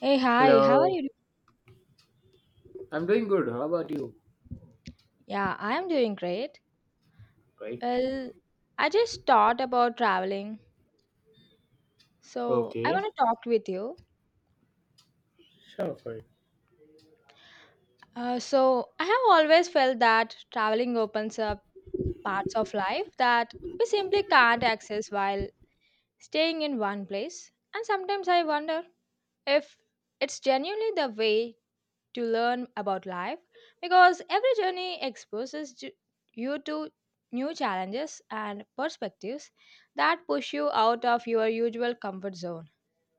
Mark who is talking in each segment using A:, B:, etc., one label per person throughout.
A: Hey, hi, how are
B: Hello.
A: you?
B: I'm doing good. How about you?
A: Yeah, I am doing great.
B: Great.
A: Well, I just thought about traveling, so I want
B: Okay.
A: to talk with you.
B: Sure, fine.
A: I have always felt that traveling opens up parts of life that we simply can't access while staying in one place. And sometimes I wonder if it's genuinely the way to learn about life because every journey exposes you to new challenges and perspectives that push you out of your usual comfort zone.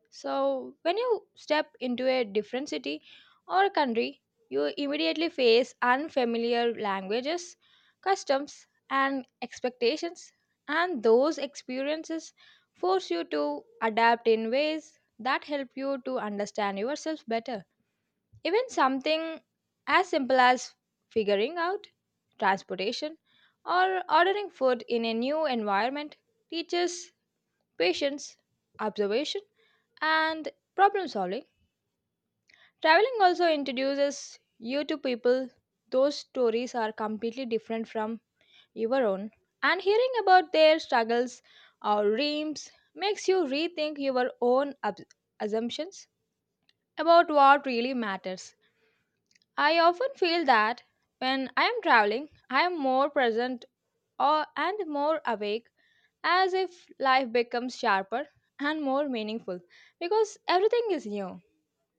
A: So, when you step into a different city or country, you immediately face unfamiliar languages, customs, and expectations, and those experiences force you to adapt in ways that help you to understand yourself better. Even something as simple as figuring out transportation or ordering food in a new environment teaches patience, observation, and problem solving. Traveling also introduces you to people those stories are completely different from your own, and hearing about their struggles or dreams makes you rethink your own assumptions about what really matters. I often feel that when I am traveling, I am more present or, and more awake, as if life becomes sharper and more meaningful because everything is new.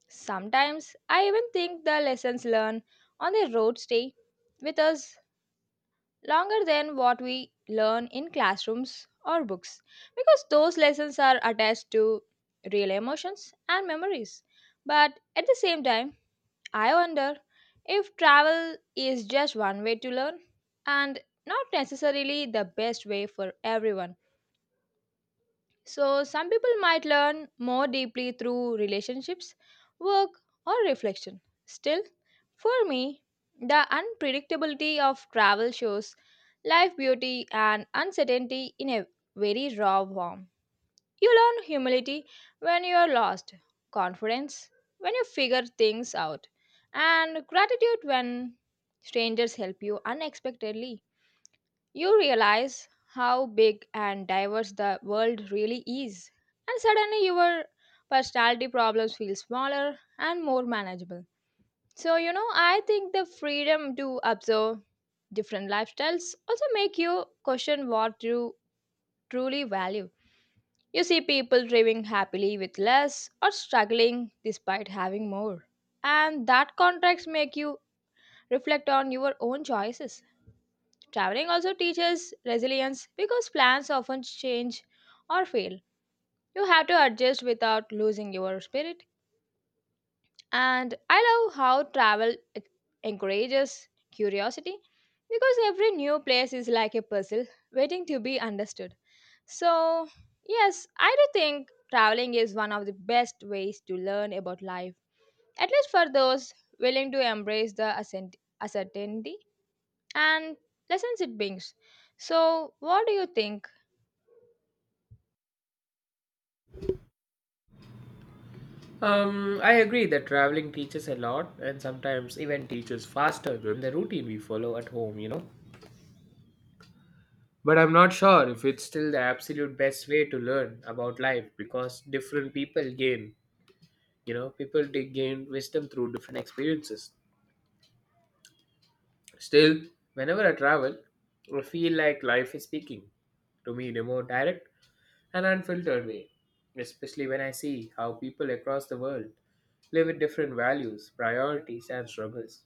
A: Sometimes I even think the lessons learned on the road stay with us longer than what we learn in classrooms or books because those lessons are attached to real emotions and memories. But at the same time, I wonder if travel is just one way to learn and not necessarily the best way for everyone. So, some people might learn more deeply through relationships, work, or reflection. Still, for me, the unpredictability of travel shows life beauty and uncertainty in a very raw form. You learn humility when you are lost, confidence when you figure things out, and gratitude when strangers help you unexpectedly. You realize how big and diverse the world really is, and suddenly your personality problems feel smaller and more manageable. So, you know, I think the freedom to observe different lifestyles also make you question what you truly value you see people living happily with less or struggling despite having more. And that contrast make you reflect on your own choices. Traveling also teaches resilience because plans often change or fail. You have to adjust without losing your spirit. And I love how encourages curiosity because every new place is like a puzzle waiting to be understood. So, yes, I do think traveling is one of the best ways to learn about life, at least for those willing to embrace the uncertainty and lessons it brings. So, what do you think?
B: I agree that traveling teaches a lot and sometimes even teaches faster than the routine we follow at home, But I'm not sure if it's still the absolute best way to learn about life because different people gain, people they gain wisdom through different experiences. Still, whenever I travel, I feel like life is speaking to me in a more direct an unfiltered way, especially when I see how people across the world live with different values, priorities, and struggles.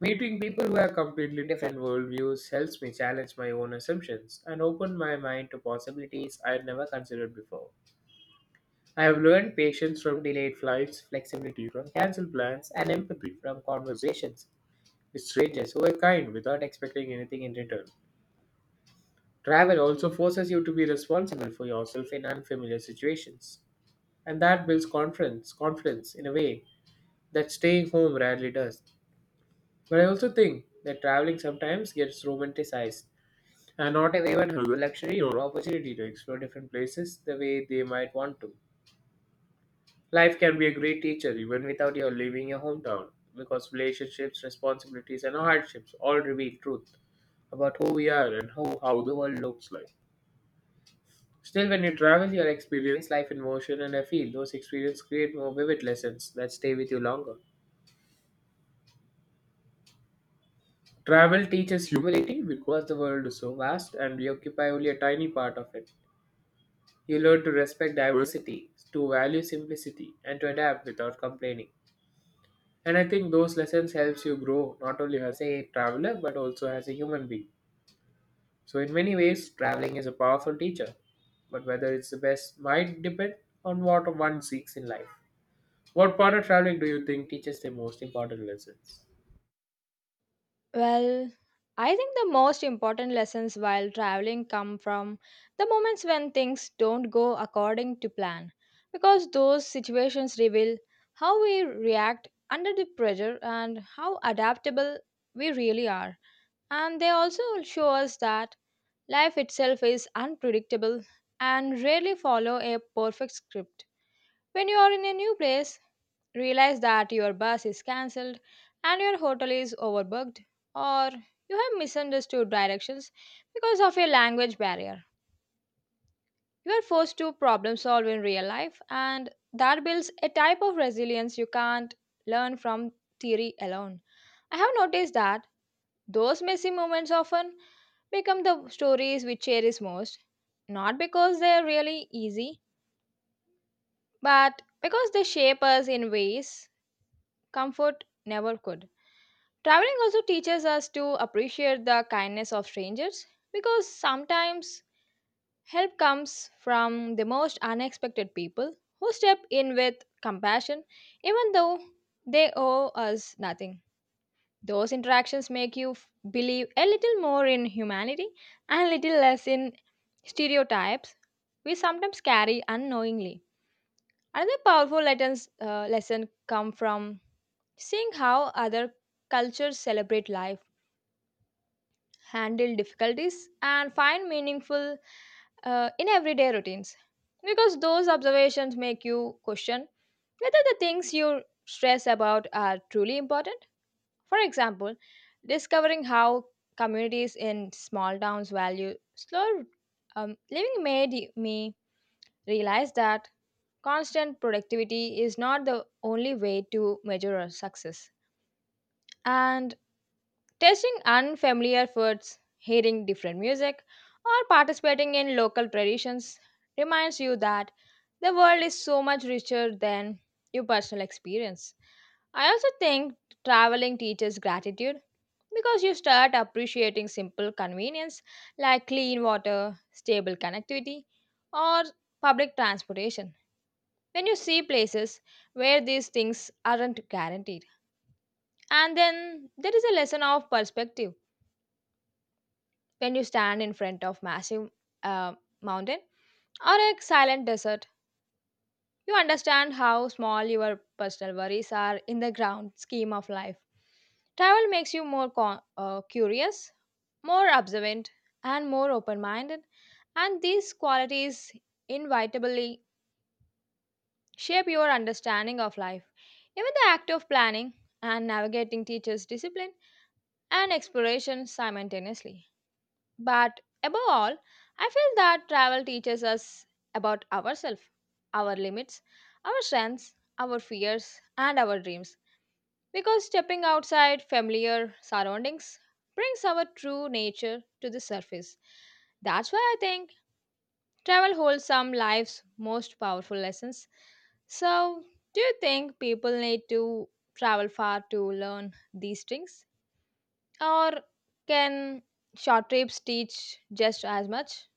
B: Meeting people who have completely different worldviews helps me challenge my own assumptions and open my mind to possibilities I had never considered before. I have learned patience from delayed flights, flexibility from cancelled plans, and empathy from conversations with strangers who are kind without expecting anything in return. Travel also forces you to be responsible for yourself in unfamiliar situations, and that builds confidence in a way that staying home rarely does. But I also think that traveling sometimes gets romanticized, and not everyone has the luxury or opportunity to explore different places the way they might want to. Life can be a great teacher even without your leaving your hometown, because relationships, responsibilities, and hardships all reveal truth about who we are and how the world looks like. Still, when you travel, you'll experience life in motion, and I feel those experiences create more vivid lessons that stay with you longer. Travel teaches humility because the world is so vast and we occupy only a tiny part of it. You learn to respect diversity, to value simplicity, and to adapt without complaining. And I think those lessons helps you grow not only as a traveler but also as a human being. So in many ways, traveling is a powerful teacher, but whether it's the best might depend on what one seeks in life. What part of traveling do you think teaches the most important lessons?
A: Well, I think the most important lessons while traveling come from the moments when things don't go according to plan, because those situations reveal how we react under the pressure and how adaptable we really are. And they also show us that life itself is unpredictable and rarely follow a perfect script. When you are in a new place, realize that your bus is cancelled and your hotel is overbooked or you have misunderstood directions because of a language barrier. You are forced to problem solve in real life and that builds a type of resilience you can't learn from theory alone. I have noticed that those messy moments often become the stories we cherish most, not because they are really easy, but because they shape us in ways comfort never could. Traveling also teaches us to appreciate the kindness of strangers because sometimes help comes from the most unexpected people who step in with compassion even though they owe us nothing. Those interactions make you believe a little more in humanity and a little less in stereotypes we sometimes carry unknowingly. Another powerful lesson come from seeing how other cultures celebrate life, handle difficulties, and find meaningful in everyday routines. Because those observations make you question whether the things you stress about are truly important for example, discovering how communities in small towns value slow living made me realize that constant productivity is not the only way to measure our success and tasting unfamiliar foods, hearing different music, or participating in local traditions reminds you that the world is so much richer than your personal experience. I also think traveling teaches gratitude because you start appreciating simple convenience like clean water, stable connectivity, or public transportation when you see places where these things aren't guaranteed. And then there is a lesson of perspective. When you stand in front of massive uh, mountain or a silent desert, you understand how small your personal worries are in the grand scheme of life. Travel makes you curious, more observant, and more open minded, and these qualities inevitably shape your understanding of life. Even the act of planning and navigating teaches discipline and exploration simultaneously. But above all, I feel that travel teaches us about ourselves, our limits, our strengths, our fears, and our dreams. Because stepping outside familiar surroundings brings our true nature to the surface. That's why I think travel holds some life's most powerful lessons. So, do you think people need to travel far to learn these things? Or can short trips teach just as much?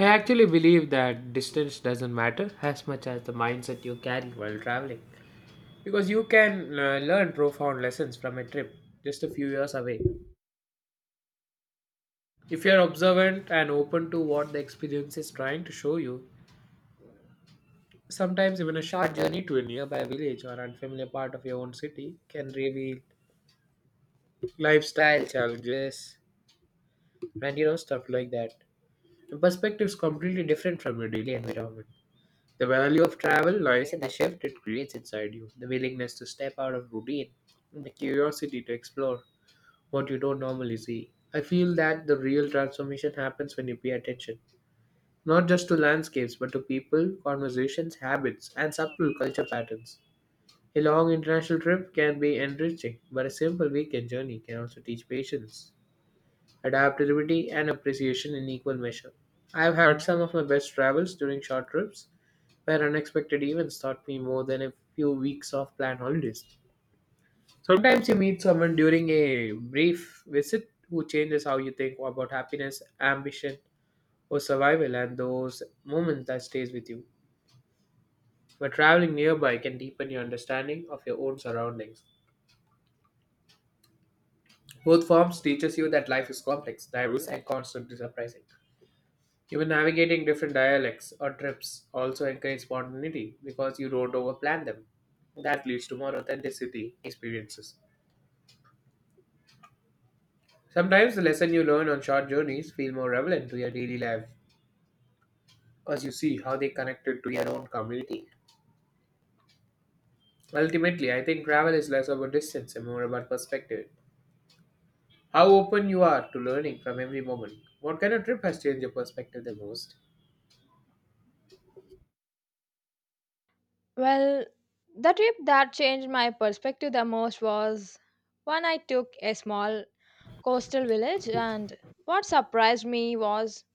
B: I actually believe that distance doesn't matter as much as the mindset you carry while traveling. Because you can learn profound lessons from a trip just a few years away. If you're observant and open to what the experience is trying to show you, sometimes even a short journey to a nearby village or unfamiliar part of your own city can reveal lifestyle challenges and stuff like that. The perspective is completely different from your daily environment. The value of travel lies in the shift it creates inside you, the willingness to step out of routine, and the curiosity to explore what you don't normally see. I feel that the real transformation happens when you pay attention, not just to landscapes, but to people, conversations, habits, and subtle culture patterns. A long international trip can be enriching, but a simple weekend journey can also teach patience, adaptability, and appreciation in equal measure. I have had some of my best travels during short trips, where unexpected events taught me more than a few weeks of planned holidays. Sometimes you meet someone during a brief visit who changes how you think about happiness, ambition, or survival, and those moments that stays with you. But traveling nearby can deepen your understanding of your own surroundings. Both forms teaches you that life is complex, diverse, and constantly surprising. Even navigating different dialects or trips also encourage spontaneity because you don't overplan them. That leads to more authenticity experiences. Sometimes the lessons you learn on short journeys feel more relevant to your daily life as you see how they connected to your own community. Ultimately, I think travel is less about distance and more about perspective. How open you are to learning from every moment. What kind of trip has changed your perspective the most?
A: Well, the trip that changed my perspective the most was when I took a small coastal village, and what surprised me was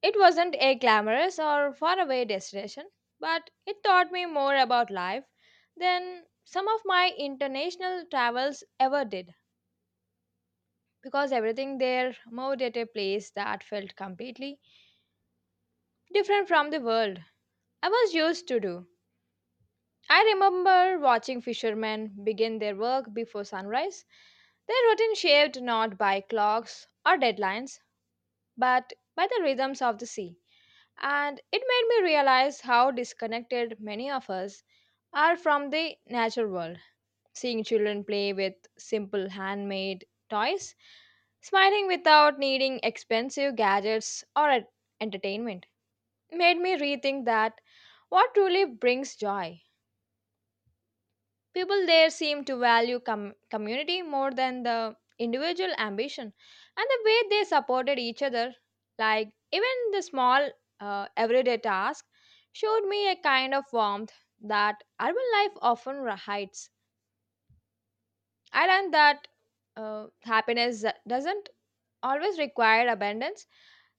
A: it wasn't a glamorous or faraway destination, but it taught me more about life than some of my international travels ever did because everything there moved at a place that felt completely different from the world I was used to do. I remember watching fishermen begin their work before sunrise. Their routine shaped not by clocks or deadlines, but by the rhythms of the sea. And it made me realize how disconnected many of us are from the natural world. Seeing children play with simple handmade toys, smiling without needing expensive gadgets or entertainment, made me rethink that what truly brings joy people there seem to value community more than the individual ambition, and the way they supported each other, like even the small everyday task, showed me a kind of warmth that urban life often hides. I learned that happiness doesn't always require abundance.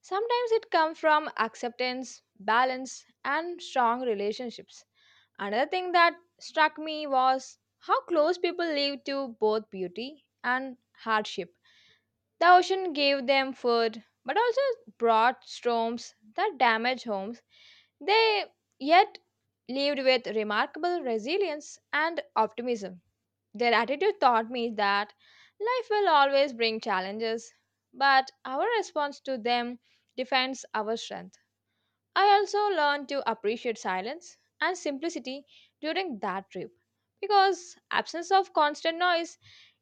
A: Sometimes it comes from acceptance, balance, and strong relationships. Another thing that struck me was how close people live to both beauty and hardship. The ocean gave them food, but also brought storms that damaged homes. They yet lived with remarkable resilience and optimism. Their attitude taught me that life will always bring challenges, but our response to them defines our strength. I also learned to appreciate silence and simplicity during that trip because absence of constant noise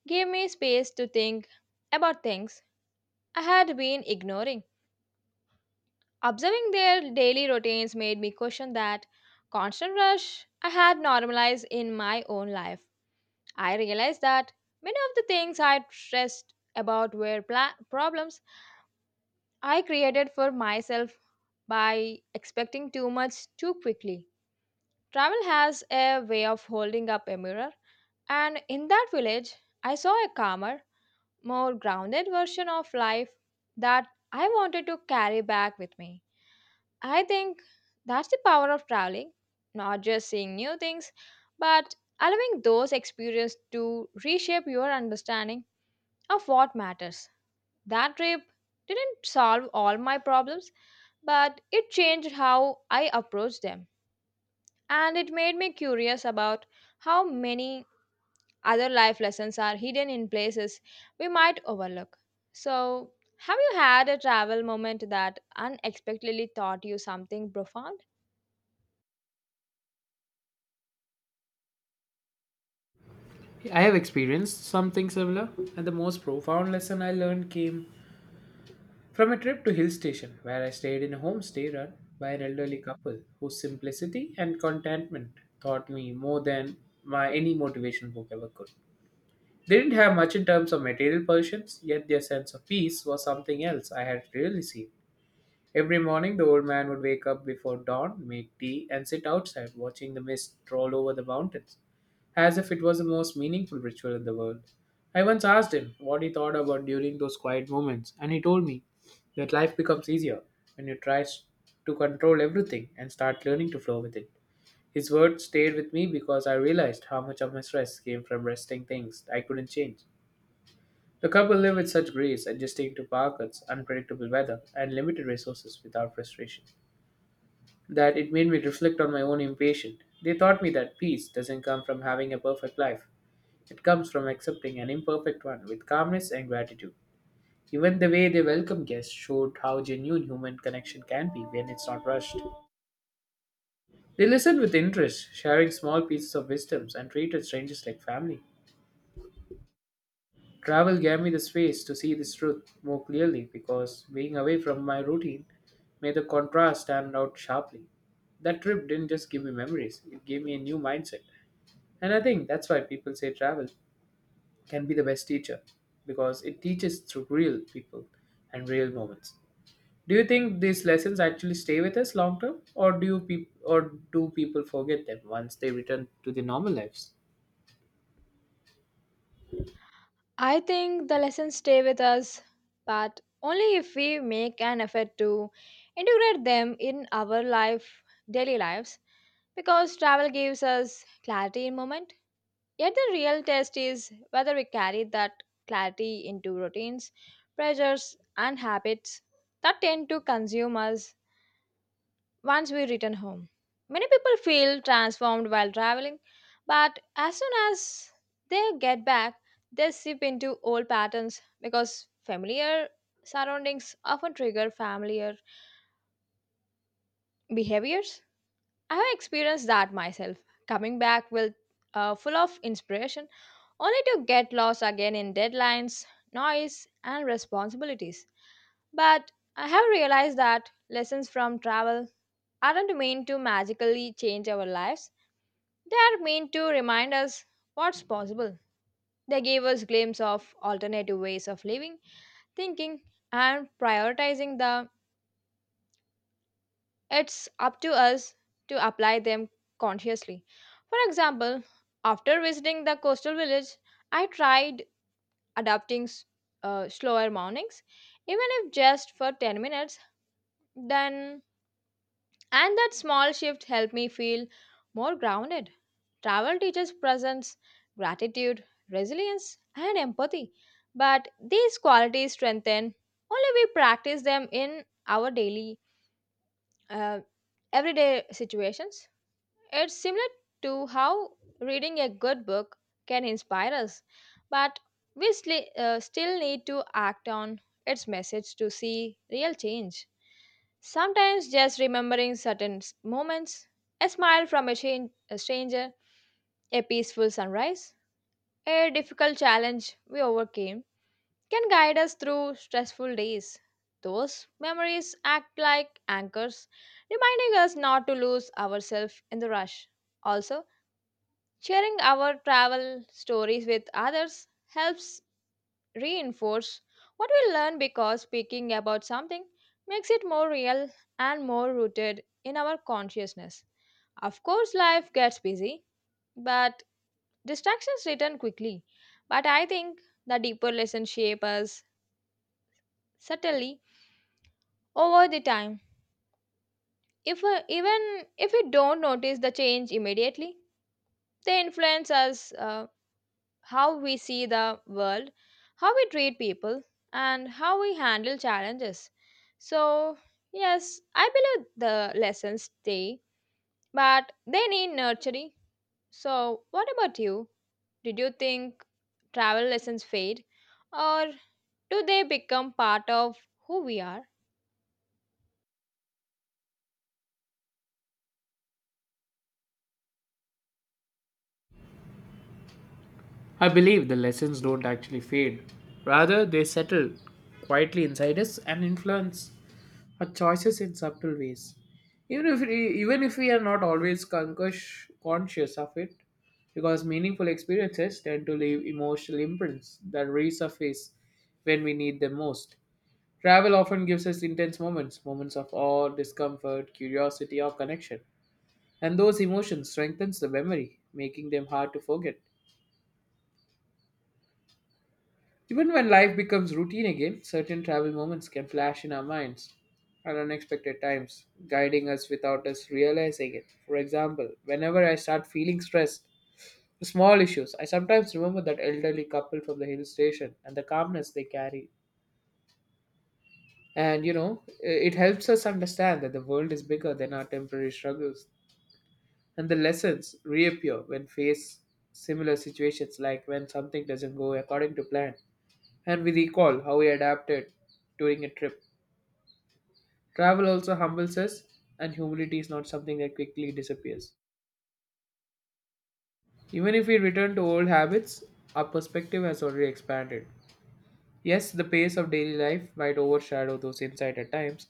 A: gave me space to think about things I had been ignoring. Observing their daily routines made me question that constant rush I had normalized in my own life. I realized that many of the things I stressed about were problems I created for myself by expecting too much too quickly. Travel has a way of holding up a mirror, and in that village, I saw a calmer, more grounded version of life that I wanted to carry back with me. I think that's the power of traveling, not just seeing new things, but allowing those experiences to reshape your understanding of what matters. That trip didn't solve all my problems, but it changed how I approached them. And it made me curious about how many other life lessons are hidden in places we might overlook. So, have you had a travel moment that unexpectedly taught you something profound?
B: I have experienced something similar, and the most profound lesson I learned came from a trip to hill station where I stayed in a homestay run by an elderly couple whose simplicity and contentment taught me more than my any motivation book ever could. They didn't have much in terms of material possessions, yet their sense of peace was something else I had really seen. Every morning, the old man would wake up before dawn, make tea, and sit outside watching the mist roll over the mountains, as if it was the most meaningful ritual in the world. I once asked him what he thought about during those quiet moments, and he told me that life becomes easier when you to control everything and start learning to flow with it. His words stayed with me because I realized how much of my stress came from resting things I couldn't change. The couple live with such grace, adjusting to power unpredictable weather, and limited resources without frustration, that it made me reflect on my own impatience. They taught me that peace doesn't come from having a perfect life, it comes from accepting an imperfect one with calmness and gratitude. Even the way they welcomed guests showed how genuine human connection can be when it's not rushed. They listened with interest, sharing small pieces of wisdoms, and treated strangers like family. Travel gave me the space to see this truth more clearly because being away from my routine made the contrast stand out sharply. That trip didn't just give me memories, it gave me a new mindset. And I think that's why people say travel can be the best teacher because it teaches through real people and real moments. Do you think these lessons actually stay with us long term, or do people forget them once they return to their normal lives?
A: I think the lessons stay with us, but only if we make an effort to integrate them in our life, daily lives, because travel gives us clarity in moment yet the real test is whether we carry that clarity into routines, pressures, and habits that tend to consume us once we return home. Many people feel transformed while traveling, but as soon as they get back, they slip into old patterns because familiar surroundings often trigger familiar behaviors. I have experienced that myself, coming back with full of inspiration only to get lost again in deadlines, noise, and responsibilities. But I have realized that lessons from travel aren't meant to magically change our lives, they are meant to remind us what's possible. They gave us glimpse of alternative ways of living, thinking, and prioritizing the it's up to us to apply them consciously. For example, after visiting the coastal village, I tried adapting s- slower mornings, even if just for 10 minutes, then and that small shift helped me feel more grounded. Travel teaches presence, gratitude, resilience, and empathy. But these qualities strengthen only we practice them in our uh, everyday situations. It's similar to how reading a good book can inspire us, but we still need to act on its message to see real change. Sometimes just remembering certain moments, a smile from a stranger, a peaceful sunrise, a difficult challenge we overcame can guide us through stressful days. Those memories act like anchors, reminding us not to lose ourselves in the rush. Also, sharing our travel stories with others helps reinforce what we learn, because speaking about something makes it more real and more rooted in our consciousness. Of course, life gets busy, but distractions return quickly. But I think the deeper lessons shape us subtly over the time, if even if we don't notice the change immediately. They influence us how we see the world, how we treat people, and how we handle challenges. So yes, I believe the lessons stay, but they need nurturing. So what about you? Did you think travel lessons fade, or do they become part of who we are?
B: I believe the lessons don't actually fade. Rather, they settle quietly inside us and influence our choices in subtle ways. Even if even if we are not always conscious of it, because meaningful experiences tend to leave emotional imprints that resurface when we need them most. Travel often gives us intense moments, moments of awe, discomfort, curiosity, or connection, and those emotions strengthens the memory, making them hard to forget. Even when life becomes routine again, certain travel moments can flash in our minds at unexpected times, guiding us without us realizing it. For example, whenever I start feeling stressed, for small issues, I sometimes remember that elderly couple from the hill station and the calmness they carry. And it helps us understand that the world is bigger than our temporary struggles. And the lessons reappear when faced similar situations, like when something doesn't go according to plan and we recall how we adapted during a trip. Travel also humbles us, and humility is not something that quickly disappears. Even if we return to old habits, our perspective has already expanded. Yes, the pace of daily life might overshadow those insights at times,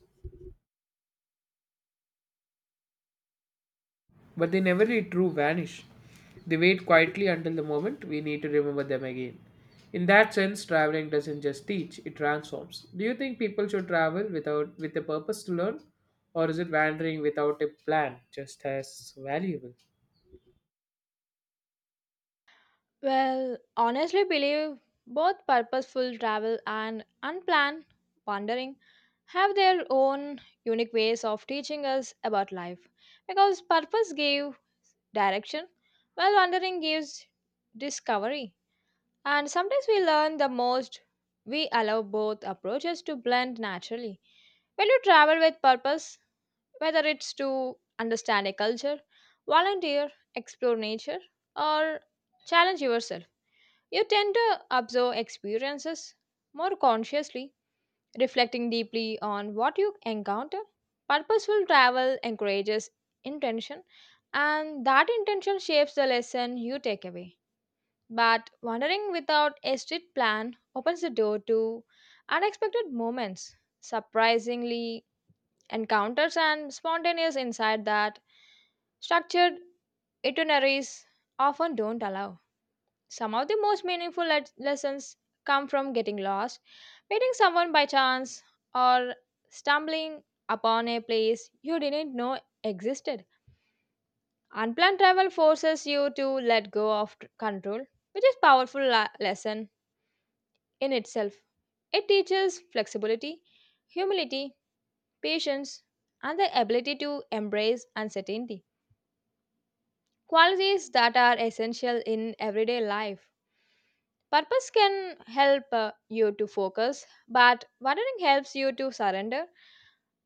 B: but they never really true vanish. They wait quietly until the moment we need to remember them again. In that sense, traveling doesn't just teach, it transforms. Do you think people should travel without with a purpose to learn? Or is it wandering without a plan just as valuable?
A: Well, honestly, believe both purposeful travel and unplanned wandering have their own unique ways of teaching us about life, because purpose gives direction while wandering gives discovery, and sometimes we learn the most we allow both approaches to blend naturally. When you travel with purpose, whether it's to understand a culture, volunteer, explore nature, or challenge yourself, you tend to observe experiences more consciously, reflecting deeply on what you encounter. Purposeful travel encourages intention, and that intention shapes the lesson you take away. But wandering without a strict plan opens the door to unexpected moments, surprisingly encounters, and spontaneous insight that structured itineraries often don't allow. Some of the most meaningful lessons come from getting lost, meeting someone by chance, or stumbling upon a place you didn't know existed. Unplanned travel forces you to let go of control, which is powerful lesson in itself. It teaches flexibility, humility, patience, and the ability to embrace uncertainty, qualities that are essential in everyday life. Purpose can help you to focus, but wandering helps you to surrender,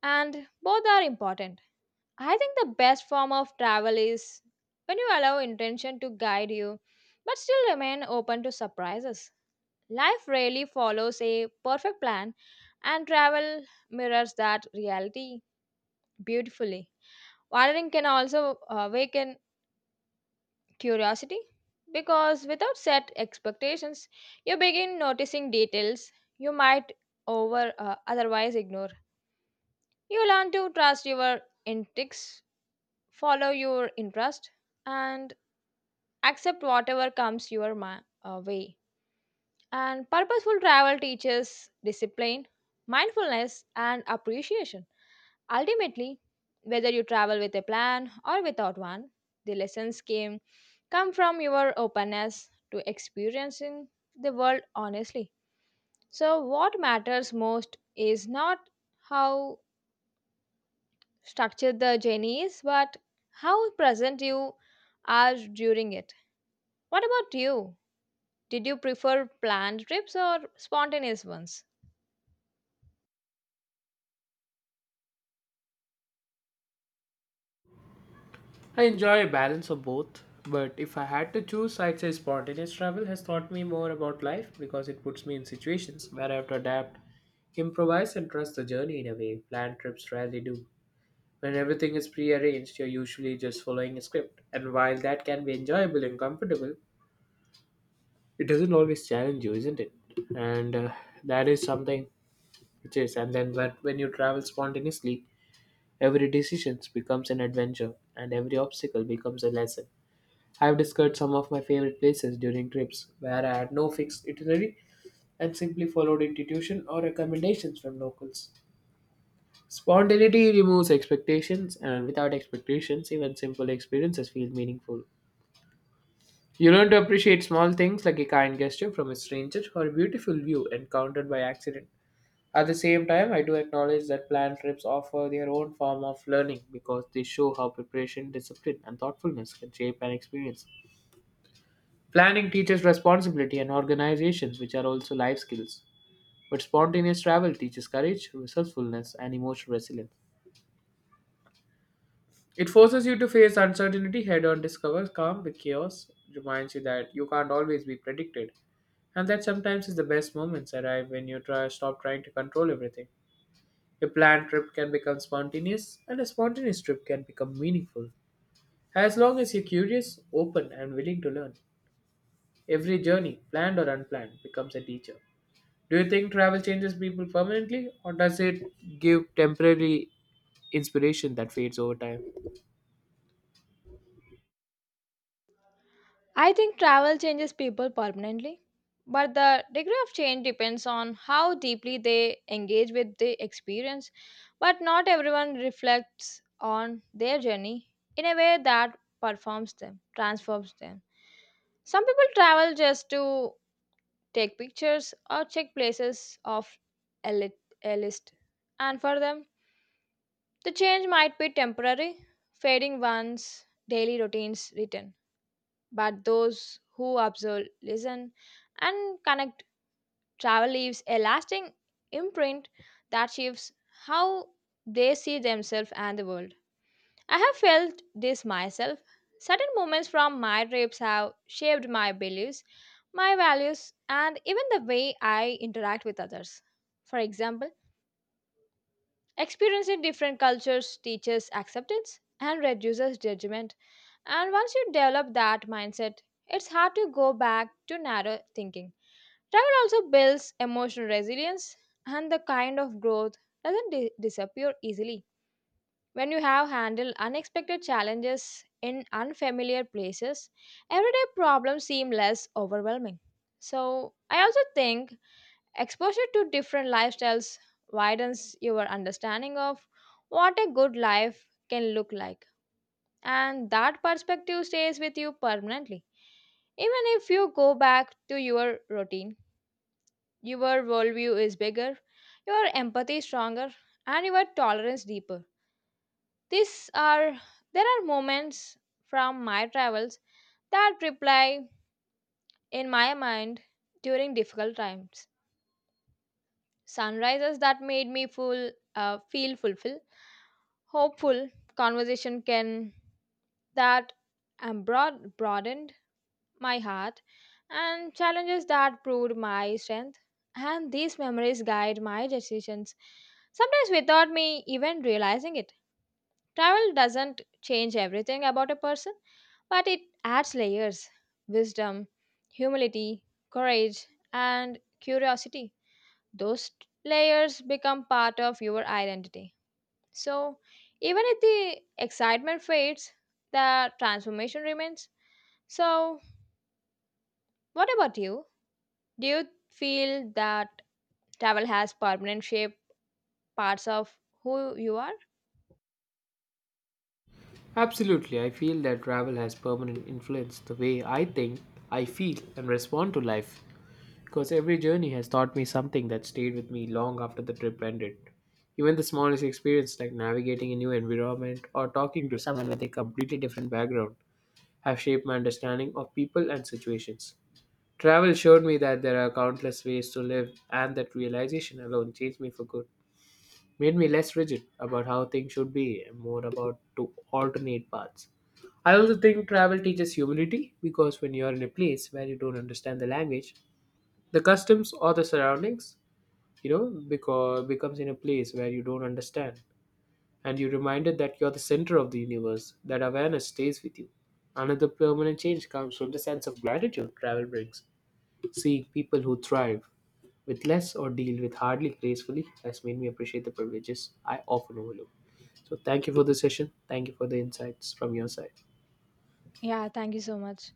A: and both are important. I think the best form of travel is when you allow intention to guide you, but still remain open to surprises. Life rarely follows a perfect plan, and travel mirrors that reality beautifully. Wandering can also awaken curiosity, because without set expectations, you begin noticing details you might over otherwise ignore. You learn to trust your instincts, follow your interest, and accept whatever comes your way. And purposeful travel teaches discipline, mindfulness, and appreciation. Ultimately, whether you travel with a plan or without one, the lessons came come from your openness to experiencing the world honestly. So what matters most is not how structured the journey is, but how present you are during it. What about you? Did you prefer planned trips or spontaneous ones?
B: I enjoy a balance of both, but if I had to choose, I'd say spontaneous travel has taught me more about life because it puts me in situations where I have to adapt, improvise, and trust the journey in a way planned trips rarely do. When everything is prearranged, you're usually just following a script. And while that can be enjoyable and comfortable, it doesn't always challenge you, isn't it? And that is something which is. And then when you travel spontaneously, every decision becomes an adventure and every obstacle becomes a lesson. I've discovered some of my favorite places during trips where I had no fixed itinerary and simply followed intuition or recommendations from locals. Spontaneity removes expectations, and without expectations, even simple experiences feel meaningful. You learn to appreciate small things like a kind gesture from a stranger or a beautiful view encountered by accident. At the same time, I do acknowledge that planned trips offer their own form of learning because they show how preparation, discipline, and thoughtfulness can shape an experience. Planning teaches responsibility and organization, which are also life skills. But spontaneous travel teaches courage, resourcefulness, and emotional resilience. It forces you to face uncertainty head on, discovers calm with chaos, reminds you that you can't always be predicted, and that sometimes is the best moments arrive when you try stop trying to control everything. A planned trip can become spontaneous, and a spontaneous trip can become meaningful. As long as you're curious, open, and willing to learn, every journey, planned or unplanned, becomes a teacher. Do you think travel changes people permanently, or does it give temporary inspiration that fades over time?
A: I think travel changes people permanently, but the degree of change depends on how deeply they engage with the experience. But not everyone reflects on their journey in a way that transforms them. Some people travel just to take pictures or check places off a, lit- a list, and for them, the change might be temporary, fading once daily routines return. But those who observe, listen, and connect, travel leaves a lasting imprint that shapes how they see themselves and the world. I have felt this myself. Certain moments from my trips have shaped my beliefs, my values, and even the way I interact with others. For example, experiencing different cultures teaches acceptance and reduces judgment, and once you develop that mindset, it's hard to go back to narrow thinking. Travel also builds emotional resilience, and the kind of growth doesn't disappear easily. When you have handled unexpected challenges in unfamiliar places, everyday problems seem less overwhelming. So, I also think exposure to different lifestyles widens your understanding of what a good life can look like, and that perspective stays with you permanently. Even if you go back to your routine, your worldview is bigger, your empathy is stronger, and your tolerance deeper. These are There are moments from my travels that reply in my mind during difficult times. Sunrises that made me feel fulfilled, hopeful. Conversation can that am broadened my heart, and challenges that proved my strength. And these memories guide my decisions, sometimes without me even realizing it. Travel doesn't change everything about a person, but it adds layers: wisdom, humility, courage, and curiosity. Those layers become part of your identity. So, even if the excitement fades, the transformation remains. So, what about you? Do you feel that travel has permanent shape parts of who you are?
B: Absolutely, I feel that travel has permanent influence the way I think, I feel, and respond to life. Because every journey has taught me something that stayed with me long after the trip ended. Even the smallest experience, like navigating a new environment or talking to someone with a completely different background, have shaped my understanding of people and situations. Travel showed me that there are countless ways to live, and that realization alone changed me for good made me less rigid about how things should be and more about to alternate paths. I also think travel teaches humility because when you're in a place where you don't understand the language, the customs or the surroundings, because becomes in a place where you don't understand and you're reminded that you're the center of the universe, that awareness stays with you. Another permanent change comes from the sense of gratitude travel brings. Seeing people who thrive with less or deal with hardly gracefully has made me appreciate the privileges I often overlook. So thank you for the session. Thank you for the insights from your side.
A: Yeah, thank you so much.